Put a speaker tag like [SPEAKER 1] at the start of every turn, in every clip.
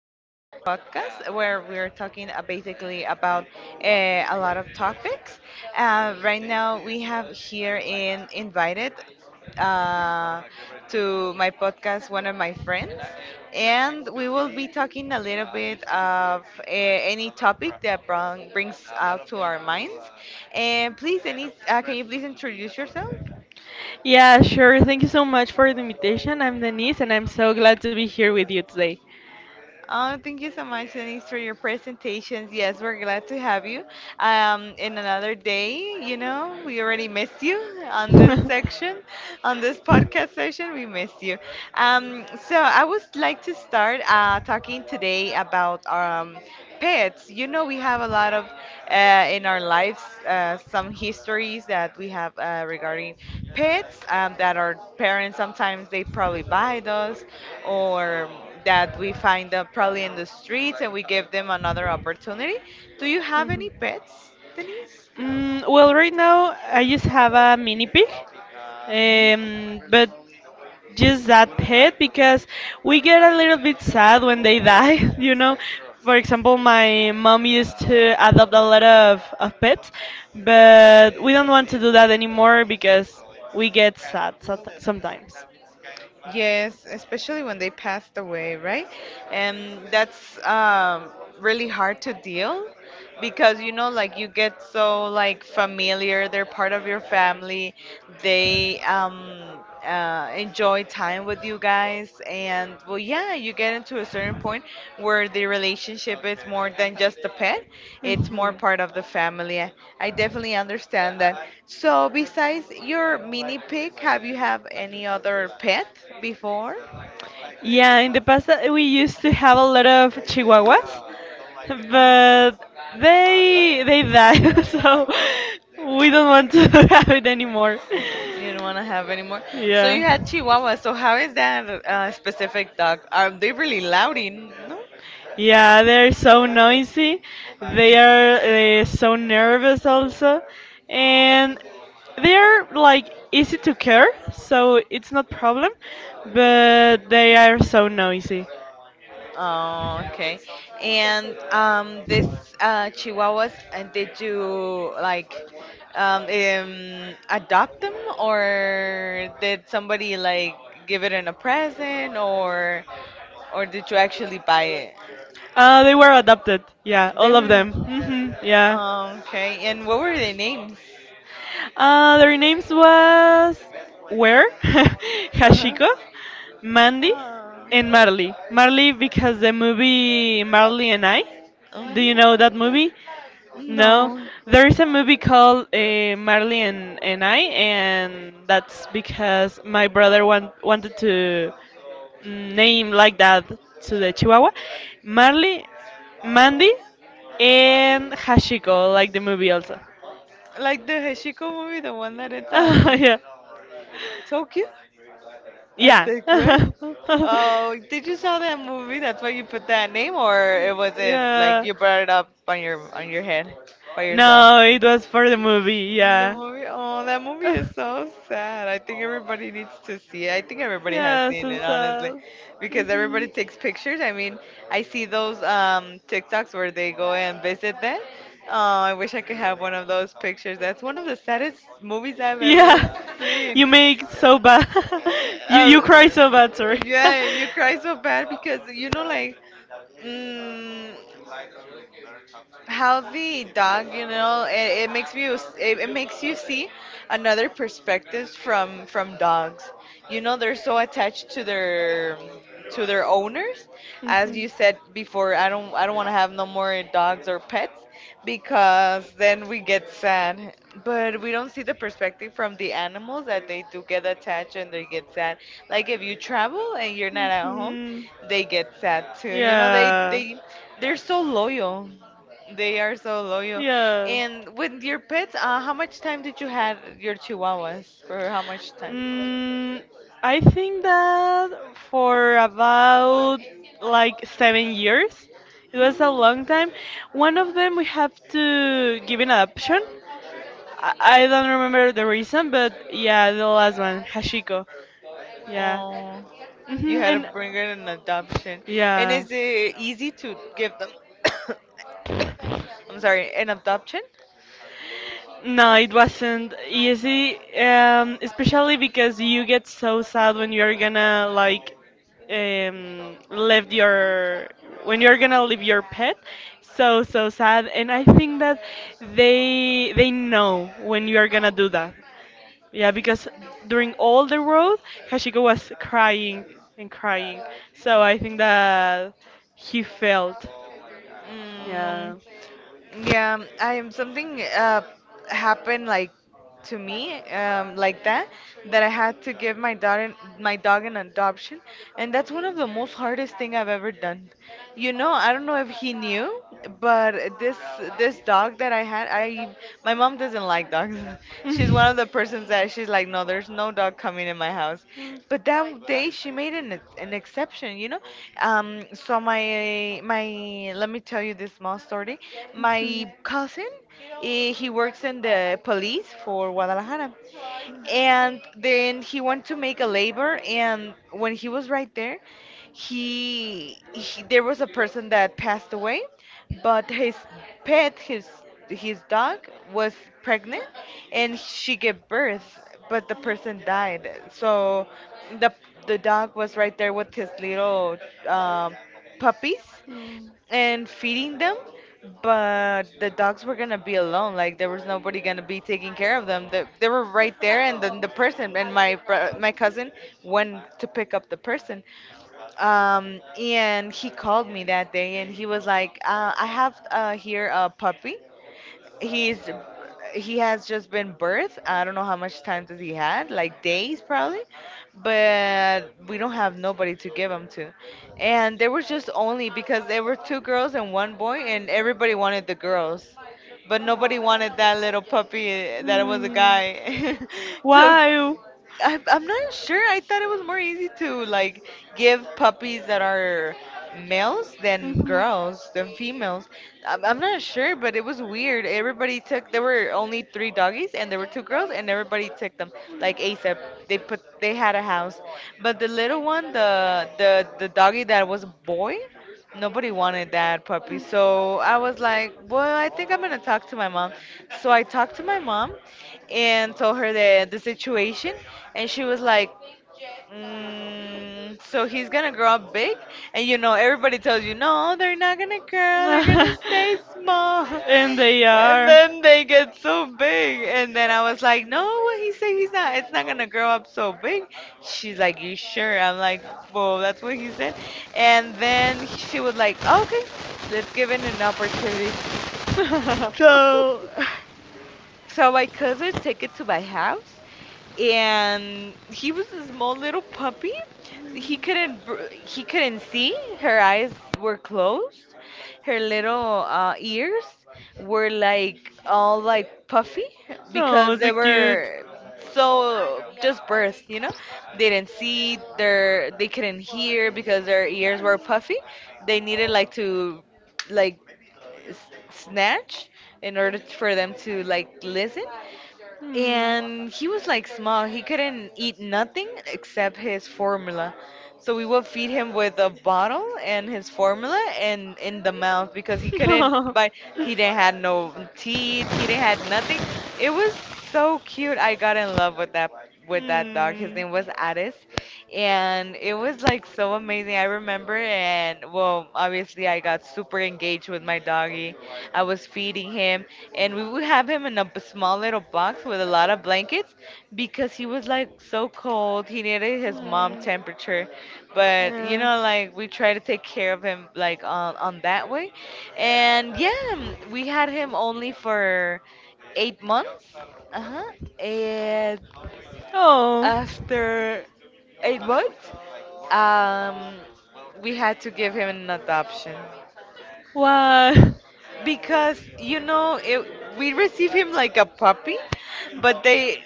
[SPEAKER 1] of this podcast where we're talking basically about a lot of topics. Right now, we have here in invited uh, to my podcast one of my friends, and we will be talking a little bit of any topic that brings out to our minds. And please, can you please introduce yourself?
[SPEAKER 2] Yeah, sure. Thank you so much for the invitation. I'm Denise, and I'm so glad to be here with you today.
[SPEAKER 1] Oh, thank you so much, Denise, for your presentations. Yes, we're glad to have you. In another day, we already missed you on this section, on this podcast session. We missed you. So I would like to start talking today about pets. You know, we have a lot of in our lives some histories that we have regarding pets that our parents sometimes they probably buy those, or that we find them probably in the streets and we give them another opportunity. Do you have
[SPEAKER 2] Mhm.
[SPEAKER 1] any pets, Denise?
[SPEAKER 2] Well, right now I just have a mini pig, but just that pet because we get a little bit sad when they die, you know. For example, my mom used to adopt a lot of pets, but we don't want to do that anymore because we get sad sometimes.
[SPEAKER 1] Yes, especially when they passed away, right? And that's really hard to deal because you know, like you get so like familiar. They're part of your family. They enjoy time with you guys. And well, yeah, you get into a certain point where the relationship is more than just a pet, it's more
[SPEAKER 2] Mhm.
[SPEAKER 1] part of the family. I definitely understand that. So, besides your mini pig, have you have any other pet before?
[SPEAKER 2] Yeah, in the past we used to have a lot of chihuahuas, but they died, so we don't want to have it anymore.
[SPEAKER 1] You don't want to have any more. So
[SPEAKER 2] Yeah.
[SPEAKER 1] you had Chihuahua. So how is that specific dog? Are they really loudy? No?
[SPEAKER 2] Yeah, they're so noisy. They are so nervous also, and they're like easy to care, so it's not problem. But they are so noisy.
[SPEAKER 1] Oh, okay. And this Chihuahuas, did you like adopt them, or did somebody like give it in a present, or did you actually buy it?
[SPEAKER 2] They were adopted. Yeah,
[SPEAKER 1] They
[SPEAKER 2] all of
[SPEAKER 1] were.
[SPEAKER 2] them. Hmm, yeah.
[SPEAKER 1] Oh, okay. And what were their names?
[SPEAKER 2] Their names
[SPEAKER 1] Um,
[SPEAKER 2] was Ware,
[SPEAKER 1] Uh-huh.
[SPEAKER 2] Hashiko, Mandy,
[SPEAKER 1] Oh, and
[SPEAKER 2] and Marley. Marley because the movie Marley and I.
[SPEAKER 1] right?
[SPEAKER 2] Do you know that movie?
[SPEAKER 1] Mhm.
[SPEAKER 2] No,
[SPEAKER 1] No.
[SPEAKER 2] there is a movie called Marley and, I, and that's because my brother wanted to name like that to the Chihuahua. Marley, Mandy, and Hashiko, like the movie also.
[SPEAKER 1] Like the Heshiko movie, the one that it's on.
[SPEAKER 2] Yeah,
[SPEAKER 1] Tokyo, I
[SPEAKER 2] yeah.
[SPEAKER 1] think, right? Oh, did you saw that movie? That's why you put that name, or it was it like
[SPEAKER 2] Yeah.
[SPEAKER 1] you brought it up on your head by yourself?
[SPEAKER 2] No, it was for the movie,
[SPEAKER 1] The
[SPEAKER 2] yeah.
[SPEAKER 1] movie. Oh, that movie is so sad. I think everybody needs to see it. I think everybody has
[SPEAKER 2] Yeah,
[SPEAKER 1] seen
[SPEAKER 2] so
[SPEAKER 1] it, honestly,
[SPEAKER 2] sad.
[SPEAKER 1] because everybody
[SPEAKER 2] Mhm.
[SPEAKER 1] takes pictures. I mean, I see those TikToks where they go and visit that. Oh, I wish I could have one of those pictures. That's one of the saddest movies I've ever
[SPEAKER 2] Yeah,
[SPEAKER 1] seen.
[SPEAKER 2] you make so bad. You cry
[SPEAKER 1] Um,
[SPEAKER 2] so bad, sorry.
[SPEAKER 1] yeah, you cry so bad because you know, like, mm, how the dog, you know, it makes you it, it makes you see another perspectives from dogs. You know, they're so attached to their owners. As you said before, I don't want to have no more dogs or pets because then we get sad. But we don't see the perspective from the animals that they do get attached and they get sad. Like if you travel and you're not at home,
[SPEAKER 2] Mhm. Mhm.
[SPEAKER 1] they get sad too. You know,
[SPEAKER 2] Yeah.
[SPEAKER 1] they they're so loyal. They are so loyal.
[SPEAKER 2] Yeah.
[SPEAKER 1] And with your pets, how much time did you have your chihuahuas? For how
[SPEAKER 2] Time?
[SPEAKER 1] much time?
[SPEAKER 2] Was it? I think that for about like 7 years, it was a long time. One of them we have to give an adoption. I don't remember the reason, but yeah, the last one, Hashiko. Yeah,
[SPEAKER 1] Oh, you
[SPEAKER 2] hmm,
[SPEAKER 1] had to
[SPEAKER 2] and
[SPEAKER 1] bring it in an adoption. And
[SPEAKER 2] yeah.
[SPEAKER 1] is it easy to give them? I'm sorry, an adoption?
[SPEAKER 2] No, it wasn't easy, especially because you get so sad when you're gonna like leave your when you're gonna leave your pet. So so sad, and I think that they know when you are gonna do that. Yeah, because during all the road, Hashiko was crying and crying. So I think that he felt. Yeah.
[SPEAKER 1] Mm, yeah, I am something happened like to me like that that I had to give my dog an adoption, and that's one of the most hardest thing I've ever done. You know, I don't know if he knew, but this dog that I had, I my mom doesn't like dogs. She's one of the persons that she's like, no, there's no dog coming in my house.
[SPEAKER 2] Mm.
[SPEAKER 1] But that day she made an exception, you know. So my my let me tell you this small story. My cousin, he works in the police for Guadalajara. And then he went to make a labor, and when he was right there, he there was a person that passed away, but his pet, his dog, was pregnant, and she gave birth, but the person died. So the the dog was right there with his little um puppies, and feeding them, but the dogs were gonna be alone. Like there was nobody gonna be taking care of them. They were right there, and then the person and my cousin went to pick up the person. And he called me that day, and he was like, "I have here a puppy he's he has just been birthed. I don't know how much time does he had, like days probably, but we don't have nobody to give him to. And there was just only because there were two girls and one boy, and everybody wanted the girls, but nobody wanted that little puppy that was a guy." So
[SPEAKER 2] Why?
[SPEAKER 1] I, I'm not sure. I thought it was more easy to like give puppies that are males than girls than females. I'm not sure, but it was weird. Everybody took. There were only three doggies, and there were two girls, and everybody took them like ASAP. They put. They had a house, but the little one, the doggy that was a boy. Nobody wanted that puppy. So I was like, well, I think I'm gonna talk to my mom. So I talked to my mom and told her the situation and she was like, mm, so he's gonna grow up big? And you know, everybody tells you, no, they're not gonna grow, they're gonna
[SPEAKER 2] Mhm.
[SPEAKER 1] stay small.
[SPEAKER 2] And they
[SPEAKER 1] And
[SPEAKER 2] are.
[SPEAKER 1] then they get so big. And then I was like, no, what he said, he's not, it's not gonna grow up so big. She's like, you sure? I'm like, well, that's what he said. And then she was like, okay, let's give it an opportunity. So. So my cousin took it to my house, and he was a small little puppy. He couldn't see. Her eyes were closed. Her little ears were like all like puffy
[SPEAKER 2] No,
[SPEAKER 1] because
[SPEAKER 2] so
[SPEAKER 1] they
[SPEAKER 2] cute.
[SPEAKER 1] were so just birth, you know. They didn't see. Their they couldn't hear because their ears were puffy. They needed like to like s- snatch in order for them to like listen.
[SPEAKER 2] Hmm.
[SPEAKER 1] And he was like small. He couldn't eat nothing except his formula. So we would feed him with a bottle and his formula and in the mouth because he couldn't bite. He didn't had no teeth. He didn't had
[SPEAKER 2] No.
[SPEAKER 1] nothing. It was so cute. I got in love with that dog. His
[SPEAKER 2] Hmm. Hmm.
[SPEAKER 1] name was Addis, and it was like so amazing. I remember, and well, obviously, I got super engaged with my doggy. I was feeding him, and we would have him in a small little box with a lot of blankets because he was like so cold. He needed his mom temperature, but you
[SPEAKER 2] Yeah.
[SPEAKER 1] know, like we try to take care of him like on that way, and yeah, we had him only for 8 months. Uh huh.
[SPEAKER 2] Oh.
[SPEAKER 1] After 8 months, um, we had to give him an adoption
[SPEAKER 2] Wow.
[SPEAKER 1] because you know it, we received him like a puppy, but they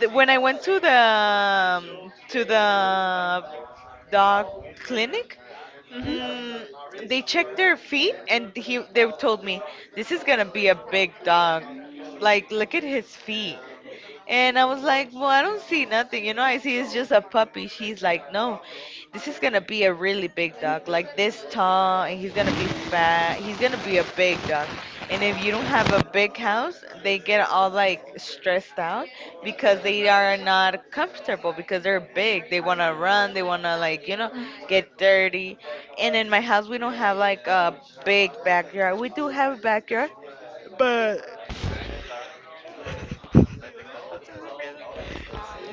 [SPEAKER 1] th- when I went to the dog clinic,
[SPEAKER 2] Mhm.
[SPEAKER 1] mm, they checked their feet and he they told me this is gonna be a big dog. Like look at his feet. And I was like, well, I don't see nothing. You know, I see it's just a puppy. She's like, no, this is going to be a really big dog, like this tall, and he's going to be fat. He's going to be a big dog. And if you don't have a big house, they get all like stressed out because they are not comfortable because they're big. They want to run, they want to like, you know, get dirty. And in my house, we don't have like a big backyard. We do have a backyard, but.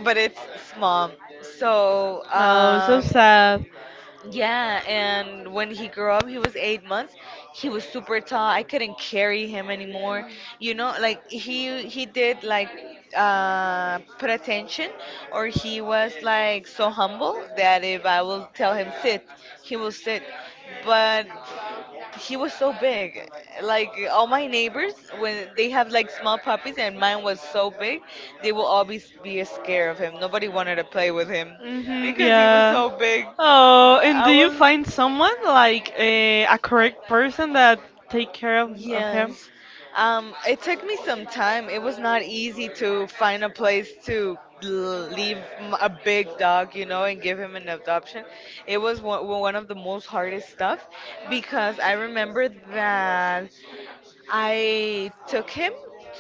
[SPEAKER 1] But it's small. So,
[SPEAKER 2] Oh, so sad.
[SPEAKER 1] yeah, and when he grew up, he was 8 months. He was super tall. I couldn't carry him anymore. You know, like he did like put attention, or he was like so humble that if I will tell him sit, he will sit. But he was so big. Like all my neighbors, when they have like small puppies and mine was so big, they will all be scared of him. Nobody wanted to play with him
[SPEAKER 2] Mm-hmm,
[SPEAKER 1] because he was
[SPEAKER 2] yeah.
[SPEAKER 1] so big.
[SPEAKER 2] Oh, and do
[SPEAKER 1] I
[SPEAKER 2] you find
[SPEAKER 1] was.
[SPEAKER 2] someone like a correct person that take care of, yes, him
[SPEAKER 1] Yes. It took me some time. It was not easy to find a place to leave a big dog, you know, and give him an adoption. It was one of the most hardest stuff because I remember that. I took him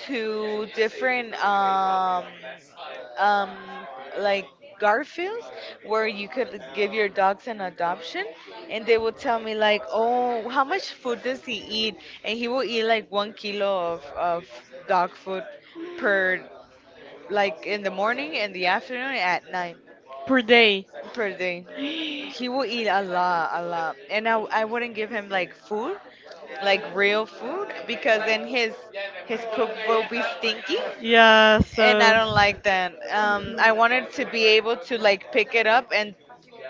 [SPEAKER 1] to different um, like Garfields, where you could give your dogs an adoption, and they would tell me like, "Oh, how much food does he eat?" And he will eat like 1 kilo of dog food per, like, in the morning and the afternoon at night,
[SPEAKER 2] per day?
[SPEAKER 1] per day. He will eat a lot, a lot. And I wouldn't give him like food, like real food, because then his poop will be stinky.
[SPEAKER 2] Yeah,
[SPEAKER 1] And I
[SPEAKER 2] so.
[SPEAKER 1] don't like that. I wanted to be able to like pick it up and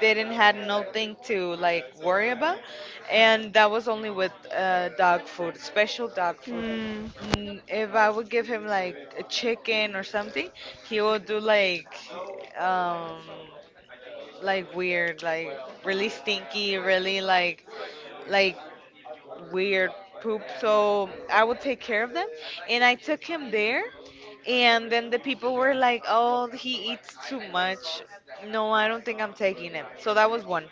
[SPEAKER 1] didn't had nothing to like worry about. And that was only with dog food, special dog food.
[SPEAKER 2] Mhm.
[SPEAKER 1] Mm, if I would give him like a chicken or something, he will do um like weird, like really stinky, really like like weird poop. So I would take care of them, and I took him there, and then the people were like, "Oh, he eats too much." No, I don't think I'm taking him. So that was one.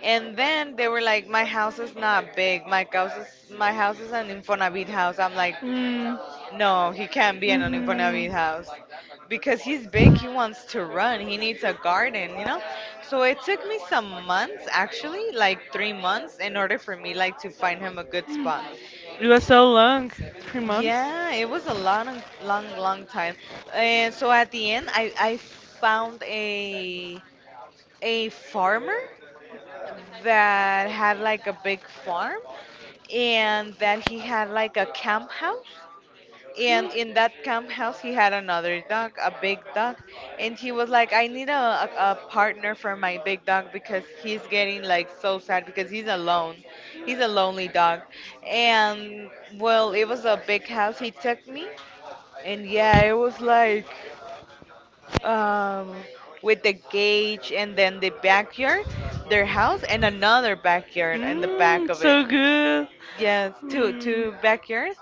[SPEAKER 1] And then they were like, "My house is not big. My house is an Infonavit house." I'm like,
[SPEAKER 2] Mm.
[SPEAKER 1] no, he can't be in an
[SPEAKER 2] Mm.
[SPEAKER 1] Infonavit
[SPEAKER 2] Mhm.
[SPEAKER 1] house. Because he's big, he wants to run, he needs a garden, you know? So it took me some months, actually, like 3 months, in order for me like to find him a good spot.
[SPEAKER 2] It was so long, 3 months.
[SPEAKER 1] Yeah, it was a long, long, long time. And so at the end, I found a farmer that had like a big farm, and that he had like a camp house, and in that camp house, he had another dog, a big dog, and he was like, "I need a partner for my big dog because he's getting like so sad because he's alone. He's a lonely dog." And well, it was a big house. He took me, and yeah, it was like um with the cage and then the backyard, their house, and another backyard in the back
[SPEAKER 2] Mm,
[SPEAKER 1] of it.
[SPEAKER 2] so good.
[SPEAKER 1] Yes, two
[SPEAKER 2] Mm.
[SPEAKER 1] two backyards,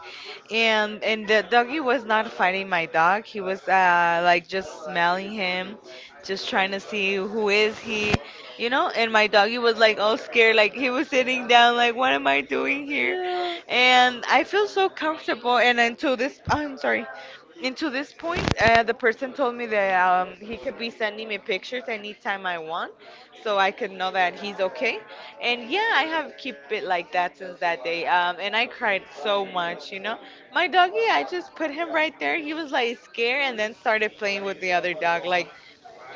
[SPEAKER 1] and the doggy was not fighting my dog. He was like just smelling him, just trying to see who is he, you know. And my doggy was like all scared, like he was sitting down, like what am I doing here?
[SPEAKER 2] Yeah.
[SPEAKER 1] And I feel so comfortable. And until this, I'm sorry, until this point, the person told me that he could be sending me pictures anytime I want, so I could know that he's okay. And yeah, I have kept it like that since that day. And I cried so much, you know. My doggy, I just put him right there. He was like scared and then started playing with the other dog, like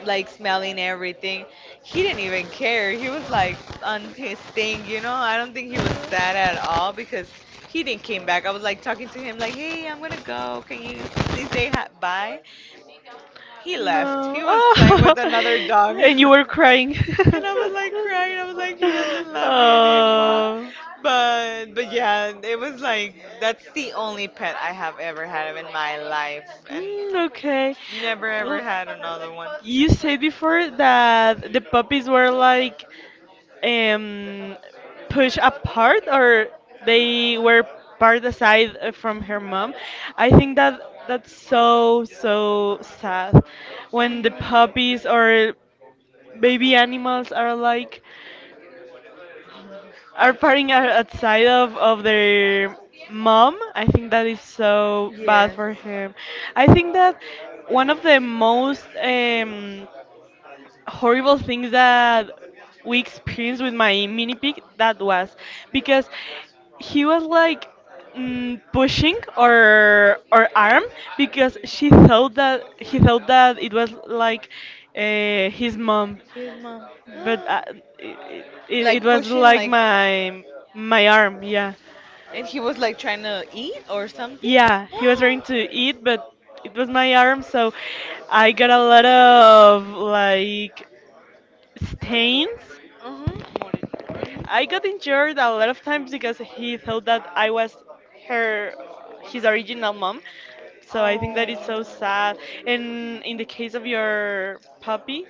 [SPEAKER 1] smelling everything. He didn't even care. He was like on his thing, you know. I don't think he was sad at all because he didn't came back. I was like talking to him like, "Hey, I'm gonna go. Can you please say bye?" He left.
[SPEAKER 2] No.
[SPEAKER 1] He was playing
[SPEAKER 2] Oh,
[SPEAKER 1] with another dog.
[SPEAKER 2] and you were crying.
[SPEAKER 1] And I was like crying. I was like, he doesn't love me anymore.
[SPEAKER 2] Oh.
[SPEAKER 1] But yeah, it was like that's the only pet I have ever had in my life, and
[SPEAKER 2] Mm, okay.
[SPEAKER 1] never ever
[SPEAKER 2] L-
[SPEAKER 1] had another one.
[SPEAKER 2] You said before that the puppies were like um pushed apart or they were part aside from her mom. I think that that's so so sad when the puppies or baby animals are like are outside of their mom. I think that is so bad
[SPEAKER 1] Yes.
[SPEAKER 2] for him. I think that one of the most horrible things that we experienced with my mini pig, that was because he was like pushing or arm, because she thought that he thought that it was like his mom, but uh, it, it,
[SPEAKER 1] Like
[SPEAKER 2] it was
[SPEAKER 1] pushing,
[SPEAKER 2] like
[SPEAKER 1] like,
[SPEAKER 2] my arm. Yeah,
[SPEAKER 1] and he was like trying to eat or something?
[SPEAKER 2] yeah, he was trying to eat, but it was my arm, so I got a lot of like stains.
[SPEAKER 1] Mhm. Mhm.
[SPEAKER 2] I got injured a lot of times because he thought that I was her his original mom, so I think that is so sad, and in the case of your puppy,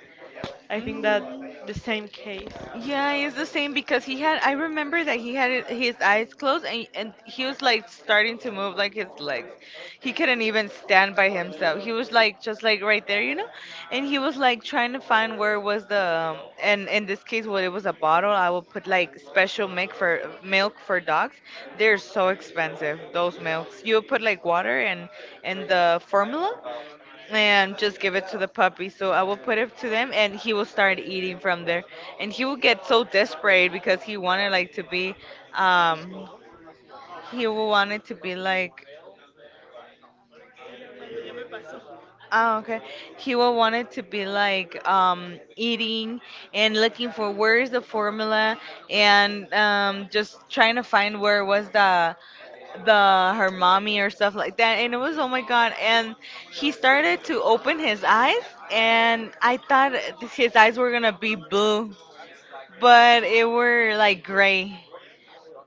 [SPEAKER 2] I
[SPEAKER 1] Oh.
[SPEAKER 2] think that
[SPEAKER 1] Mhm.
[SPEAKER 2] the same case.
[SPEAKER 1] Yeah, it's the same because he had. I remember that he had his eyes closed and he was like starting to move like his legs. He couldn't even stand by himself. He was like just like right there, you know. And he was like trying to find where was the and in this case what it was a bottle. I would put like special milk for dogs. They're so expensive those milks. You would put like water and the formula and just give it to the puppy. So I will put it to them, and he will start eating from there. And he will get so desperate because he wanted like to be, um, he will want it to be like Oh, okay. He will want it to be like eating and looking for where is the formula and just trying to find where was the her mommy or stuff like that. And it was oh my god. And he started to open his eyes, and I thought his eyes were gonna be blue, but it were like gray,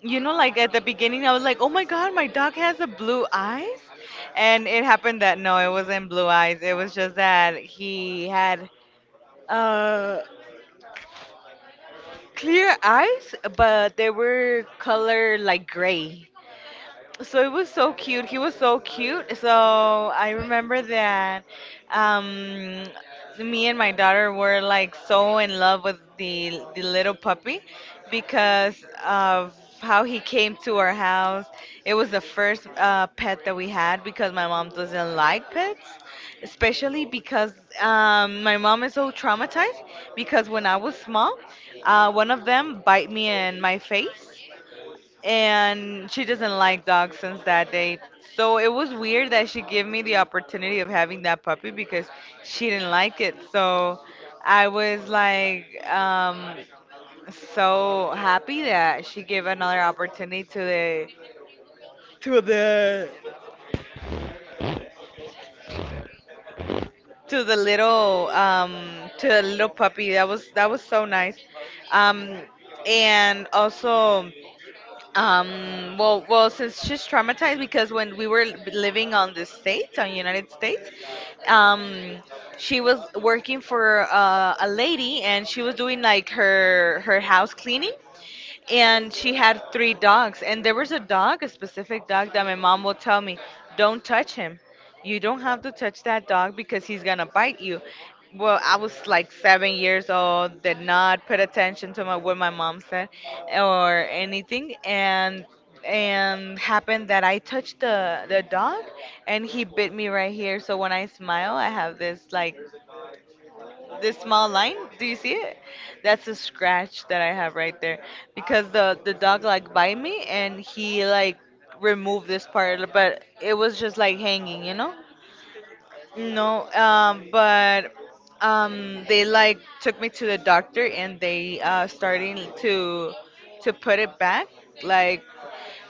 [SPEAKER 1] you know, like at the beginning, I was like, oh my God, my dog has a blue eyes. And it happened that no, it wasn't blue eyes. It was just that he had uh, clear eyes, but they were color like gray. So it was so cute. He was so cute. So I remember that um, me and my daughter were like so in love with the little puppy because of how he came to our house. It was the first pet that we had because my mom doesn't like pets, especially because my mom is so traumatized because when I was small, one of them bite me in my face and she doesn't like dogs since that day. So it was weird that she gave me the opportunity of having that puppy because she didn't like it. So I was like um, so happy that she gave another opportunity to the to the to the little um to the little puppy. That was so nice. Um, and also. Well, since she's traumatized because when we were living on the States, on United States, um, she was working for a lady and she was doing like her house cleaning, and she had three dogs, and there was a dog, a specific dog that my mom will tell me, don't touch him, you don't have to touch that dog because he's gonna bite you. Well, I was like 7 years old, did not put attention to my, what my mom said or anything, and happened that I touched the dog, and he bit me right here. So when I smile, I have this like this small line, do you see it? That's a scratch that I have right there because the dog like bite me and he like removed this part, but it was just like hanging, you know? No, but they like took me to the doctor and they starting to put it back, like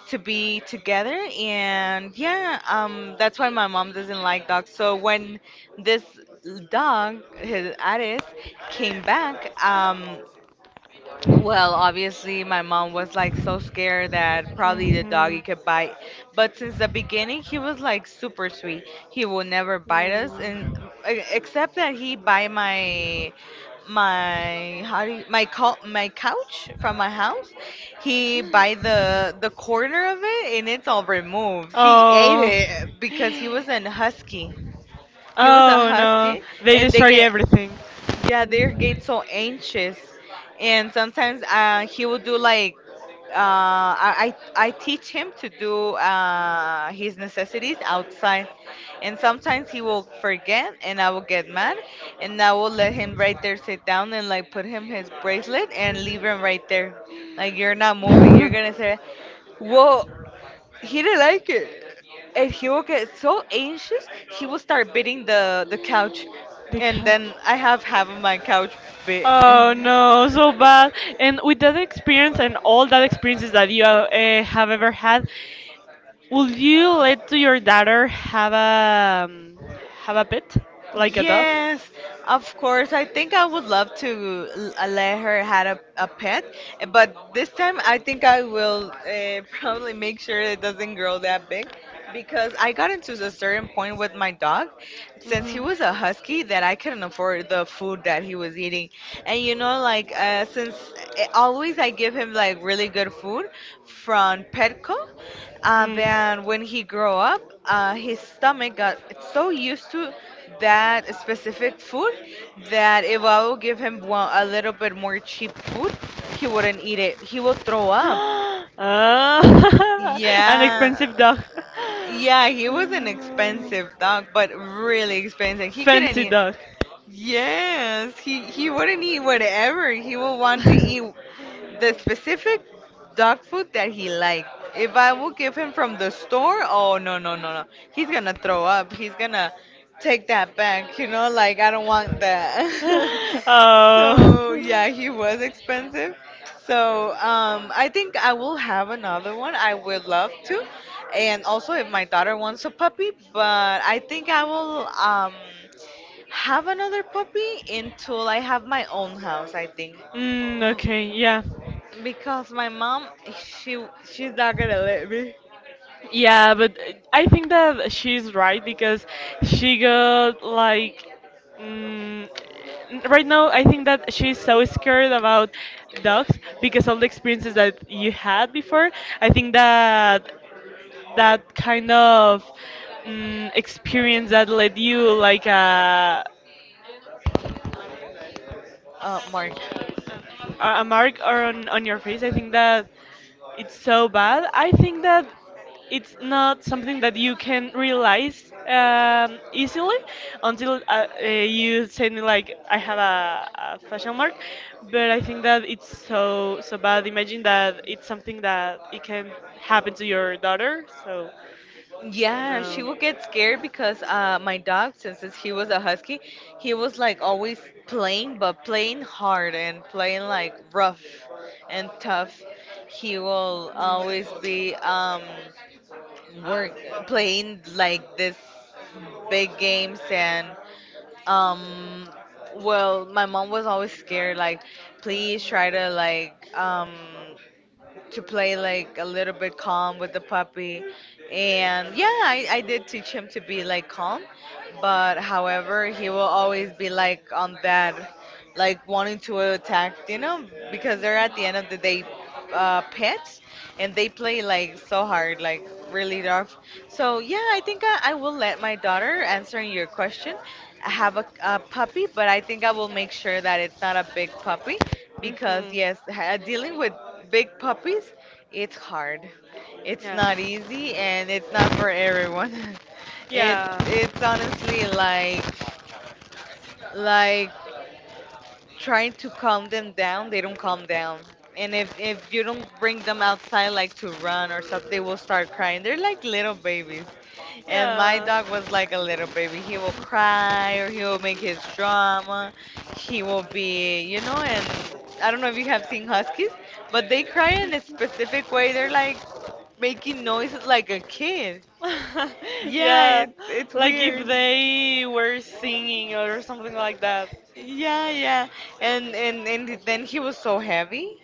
[SPEAKER 1] to be together. And yeah, that's why my mom doesn't like dogs. So when this dog, his Addis, came back, well, obviously, my mom was like so scared that probably the doggy
[SPEAKER 3] Mhm.
[SPEAKER 1] could bite. But since the beginning, he was like super sweet. He will never bite us, and except that he bite my my how do you, my co- my couch from my house. He bite the corner of it, and it's all removed. He ate
[SPEAKER 3] Oh.
[SPEAKER 1] it because he was an husky. He was a
[SPEAKER 3] Oh no,
[SPEAKER 1] husky,
[SPEAKER 3] they
[SPEAKER 1] and they
[SPEAKER 3] destroy
[SPEAKER 1] get,
[SPEAKER 3] everything.
[SPEAKER 1] yeah, they get so anxious, and sometimes he will do like uh, I teach him to do his necessities outside, and sometimes he will forget, and I will get mad, and I will let him right there sit down and like put him his bracelet and leave him right there, like you're not moving. You're gonna say, "Whoa," he didn't like it. And he will get so anxious, he will start beating the couch.
[SPEAKER 3] The
[SPEAKER 1] And then I have half of my couch bit.
[SPEAKER 3] Oh no, so bad. And with that experience and all that experiences that you have ever had, would you let to your daughter have a have a pet like a dog?
[SPEAKER 1] Yes, of course. I think I would love to let her have a pet, but this time I think I will probably make sure it doesn't grow that big, because I got into a certain point with my dog, since he
[SPEAKER 3] Mhm.
[SPEAKER 1] was a husky, that I couldn't afford the food that he was eating. And you know, like since always I give him like really good food from Petco, then when he grew up, his stomach got so used to that specific food that if I would give him one, a little bit more cheap food, he wouldn't eat it. He would throw up.
[SPEAKER 3] Up. Ah,
[SPEAKER 1] Yeah.
[SPEAKER 3] dog. Yeah,
[SPEAKER 1] Yeah, he was an expensive dog, but really expensive. He couldn't eat.
[SPEAKER 3] dog.
[SPEAKER 1] Yes, he wouldn't eat whatever. He will want to eat the specific dog food that he liked. If I will give him from the store, oh no no no no, he's gonna throw up. He's gonna take that back. You know, like I don't want that.
[SPEAKER 3] That.
[SPEAKER 1] So yeah, he
[SPEAKER 3] Oh.
[SPEAKER 1] was expensive. So I think I will have another one. I would love to, and also if my daughter wants a puppy, but I think I will have another puppy until I have my own house, I think.
[SPEAKER 3] Mm,
[SPEAKER 1] Mm,
[SPEAKER 3] okay, yeah.
[SPEAKER 1] because my mom, she's not gonna let me.
[SPEAKER 3] Yeah, but I think that she's right because she got like. Mm, right now, I think that she's so scared about dogs because of the experiences that you had before. I think that that kind of mm, experience that led you like a
[SPEAKER 1] Mark.
[SPEAKER 3] a mark on your face. I think that it's so bad. I think that it's not something that you can realize easily until you say me like I have a fashion mark. But I think that it's so so bad. Imagine that it's something that it can happen to your daughter. So
[SPEAKER 1] Yeah, she will get scared because my dog, since he was a husky, he was like always playing, but playing hard and playing like rough and tough. He will always be work playing like this big games and Um, well, my mom was always scared, like, please try to to play like a little bit calm with the puppy. And yeah, I did teach him to be like calm, but however, he will always be like on that like wanting to attack, you know, because they're at the end of the day pets, and they play like so hard, like really rough. So yeah, I think I will let my daughter answering your question, have a puppy, but I think I will make sure that it's not a big puppy because
[SPEAKER 3] because
[SPEAKER 1] yes, dealing with big puppies, it's hard, it's
[SPEAKER 3] yeah.
[SPEAKER 1] not easy, and it's not for everyone. it's
[SPEAKER 3] Yeah.
[SPEAKER 1] it's honestly like trying to calm them down, they don't calm down. And if you don't bring them outside, like to run or stuff, they will start crying. They're like little babies. And my
[SPEAKER 3] Yeah.
[SPEAKER 1] dog was like a little baby. He will cry or he will make his drama. He will be, you know, and I don't know if you have seen huskies, but they cry in a specific way. They're like making noises like a kid. Yeah,
[SPEAKER 3] Yeah.
[SPEAKER 1] it's
[SPEAKER 3] Like if
[SPEAKER 1] weird.
[SPEAKER 3] they were singing or something like that.
[SPEAKER 1] Yeah, yeah. And then he was so heavy.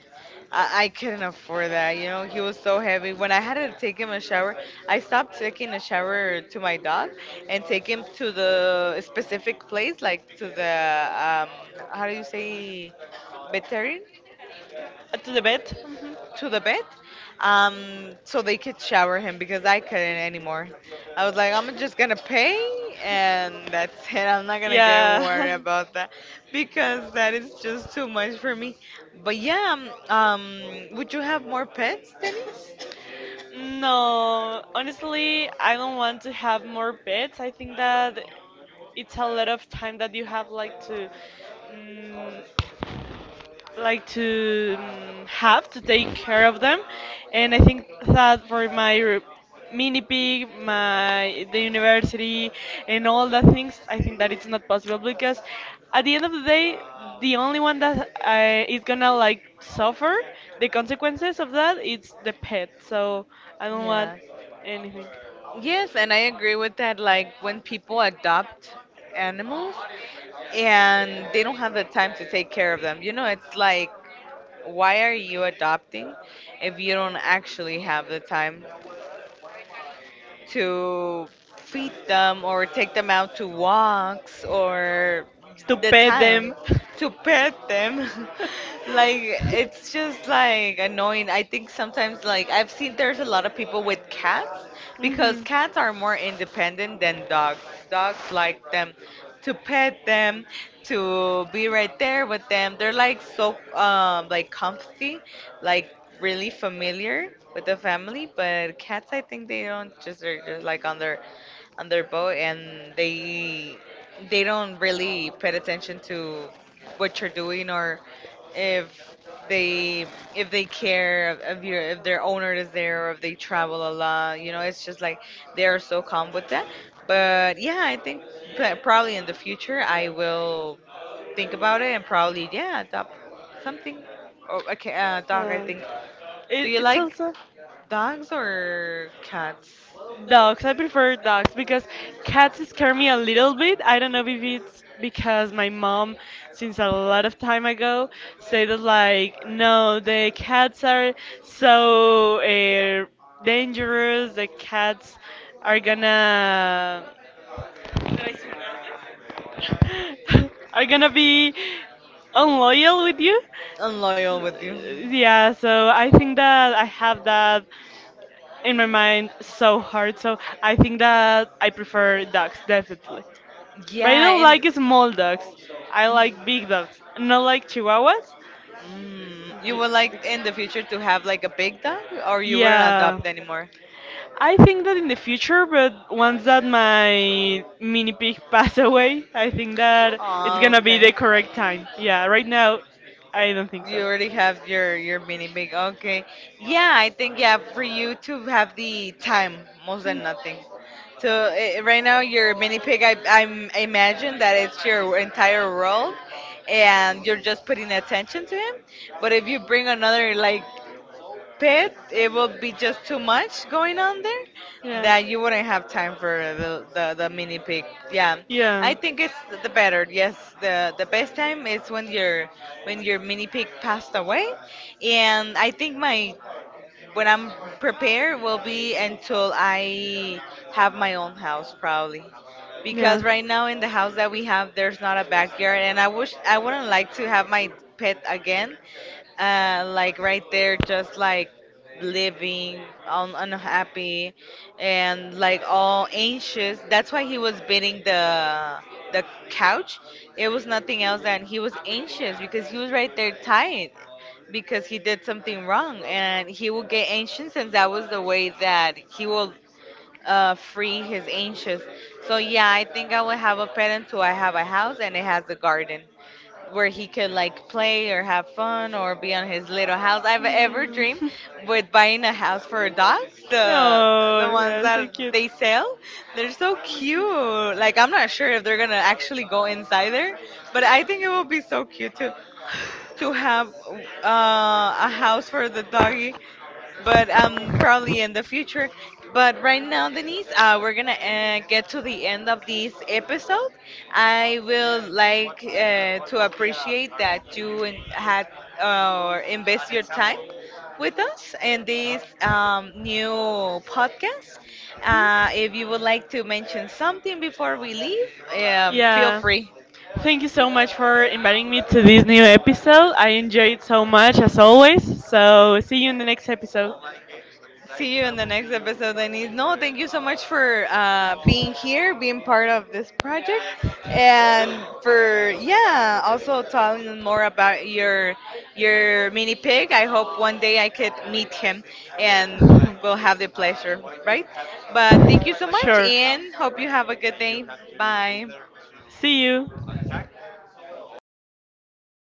[SPEAKER 1] I couldn't afford that, you know. He was so heavy. When I had to take him a shower, I stopped taking a shower to my dog and take him to the specific place, like to the um, how do you say, veterinarian?
[SPEAKER 3] To the bed? Mhm.
[SPEAKER 1] To the bed, so they could shower him because I couldn't anymore. I was like, I'm just gonna pay and that's it. I'm not gonna get worried
[SPEAKER 3] Yeah.
[SPEAKER 1] about that because that is just too much for me. But yeah, um, um, would you have more pets, Denise?
[SPEAKER 3] No, honestly, I don't want to have more pets. I think that it's a lot of time that you have like to mm, like to have to take care of them, and I think that for my mini pig, my the university, and all the things, I think that it's not possible because at the end of the day, the only one that I, is gonna like suffer the consequences of that, it's the pet. So I don't want
[SPEAKER 1] Yes.
[SPEAKER 3] anything
[SPEAKER 1] Yes, and I agree with that. Like when people adopt animals and they don't have the time to take care of them, you know, it's like, why are you adopting if you don't actually have the time? To feed them or take them out to walks or
[SPEAKER 3] to
[SPEAKER 1] the
[SPEAKER 3] pet
[SPEAKER 1] time
[SPEAKER 3] them.
[SPEAKER 1] to pet them. Like it's just like annoying. I think sometimes, like, I've seen there's a lot of people with cats because cats are more independent than dogs. Dogs like them to pet them, to be right there with them. They're like so like comfy, like really familiar with the family. But cats, I think they don't just, they're just like on their boat, and they don't really pay attention to what you're doing, or if they, if they care if your, if their owner is there, or if they travel a lot, you know, it's just like they are so calm with that. But yeah, I think that probably in the future I will think about it and probably, yeah, adopt something. Oh, okay, dog, I
[SPEAKER 3] Um,
[SPEAKER 1] think. Do
[SPEAKER 3] it,
[SPEAKER 1] you
[SPEAKER 3] it's
[SPEAKER 1] like
[SPEAKER 3] also,
[SPEAKER 1] dogs or cats?
[SPEAKER 3] dogs. I prefer dogs because cats scare me a little bit. I don't know if it's because my mom, since a lot of time ago, said that like, no, the cats are so dangerous. The cats are gonna are gonna be unloyal with you.
[SPEAKER 1] I'm loyal with you.
[SPEAKER 3] S- yeah, so I think that I have that in my mind so hard. So I think that I prefer dogs definitely. But I
[SPEAKER 1] Yeah,
[SPEAKER 3] don't
[SPEAKER 1] and
[SPEAKER 3] like small dogs. I like big dogs, not like chihuahuas,
[SPEAKER 1] mm, you would like in the future
[SPEAKER 3] bec-
[SPEAKER 1] to have like a big dog, or you wouldn't
[SPEAKER 3] yeah.
[SPEAKER 1] adopt anymore?
[SPEAKER 3] I think that in the future, but once that my mini pig pass away, I think that it's
[SPEAKER 1] Oh,
[SPEAKER 3] gonna be the
[SPEAKER 1] okay.
[SPEAKER 3] correct time. Yeah, right now, I don't think
[SPEAKER 1] You
[SPEAKER 3] so.
[SPEAKER 1] already have your mini big. Okay. Yeah, I think, yeah, for you to have the time more than nothing. So eh, right now your mini pig, I imagine that it's your entire world, and you're just putting attention to him. But if you bring another like pet, it will be just too much going on there,
[SPEAKER 3] Yeah.
[SPEAKER 1] that you wouldn't have time for the mini pig. Yeah,
[SPEAKER 3] Yeah.
[SPEAKER 1] I think it's the better. Yes, the best time is when your mini pig passed away, and I think my, when I'm prepared, will be until I have my own house probably.
[SPEAKER 3] Yeah.
[SPEAKER 1] Because right now in the house that we have there's not a backyard, and I wish, I wouldn't like to have my pet again. Uh, like right there just like living unhappy and like all anxious. That's why he was beating the couch. It was nothing else than he was anxious because he was right there tied, because he did something wrong, and he will get anxious, and that was the way that he will
[SPEAKER 3] So yeah,
[SPEAKER 1] free his anxious. So yeah, I think I will have a pet until I have a house and it has a garden where he could like play or have fun or be on his little house. I've ever dreamed with buying a house for dogs, the
[SPEAKER 3] oh,
[SPEAKER 1] ones
[SPEAKER 3] ones
[SPEAKER 1] that
[SPEAKER 3] yeah,
[SPEAKER 1] they sell, they're so cute. Like, I'm not sure if they're gonna actually go inside there, but I think it will be so cute too to have uh, a house for the doggy, but probably in the future. But right now, Denise, we're gonna get to the end of this episode. I will like to appreciate that you had invest your time with us in this new podcast. If you would like to mention something before we leave, feel
[SPEAKER 3] yeah.
[SPEAKER 1] free.
[SPEAKER 3] Thank you so much for inviting me to this new episode. I enjoyed so much as always. So, see you in the next episode.
[SPEAKER 1] See you in the next episode, Denise.
[SPEAKER 3] No,
[SPEAKER 1] No, thank you so much for
[SPEAKER 3] so uh,
[SPEAKER 1] being here, being part of this project, and for, yeah, also
[SPEAKER 3] yeah,
[SPEAKER 1] telling us more about your mini pig. I hope one day I could meet him, and we'll have the pleasure, right?
[SPEAKER 3] right.
[SPEAKER 1] But thank you so much,
[SPEAKER 3] Sure.
[SPEAKER 1] and hope you have a good day. Bye.
[SPEAKER 3] See you.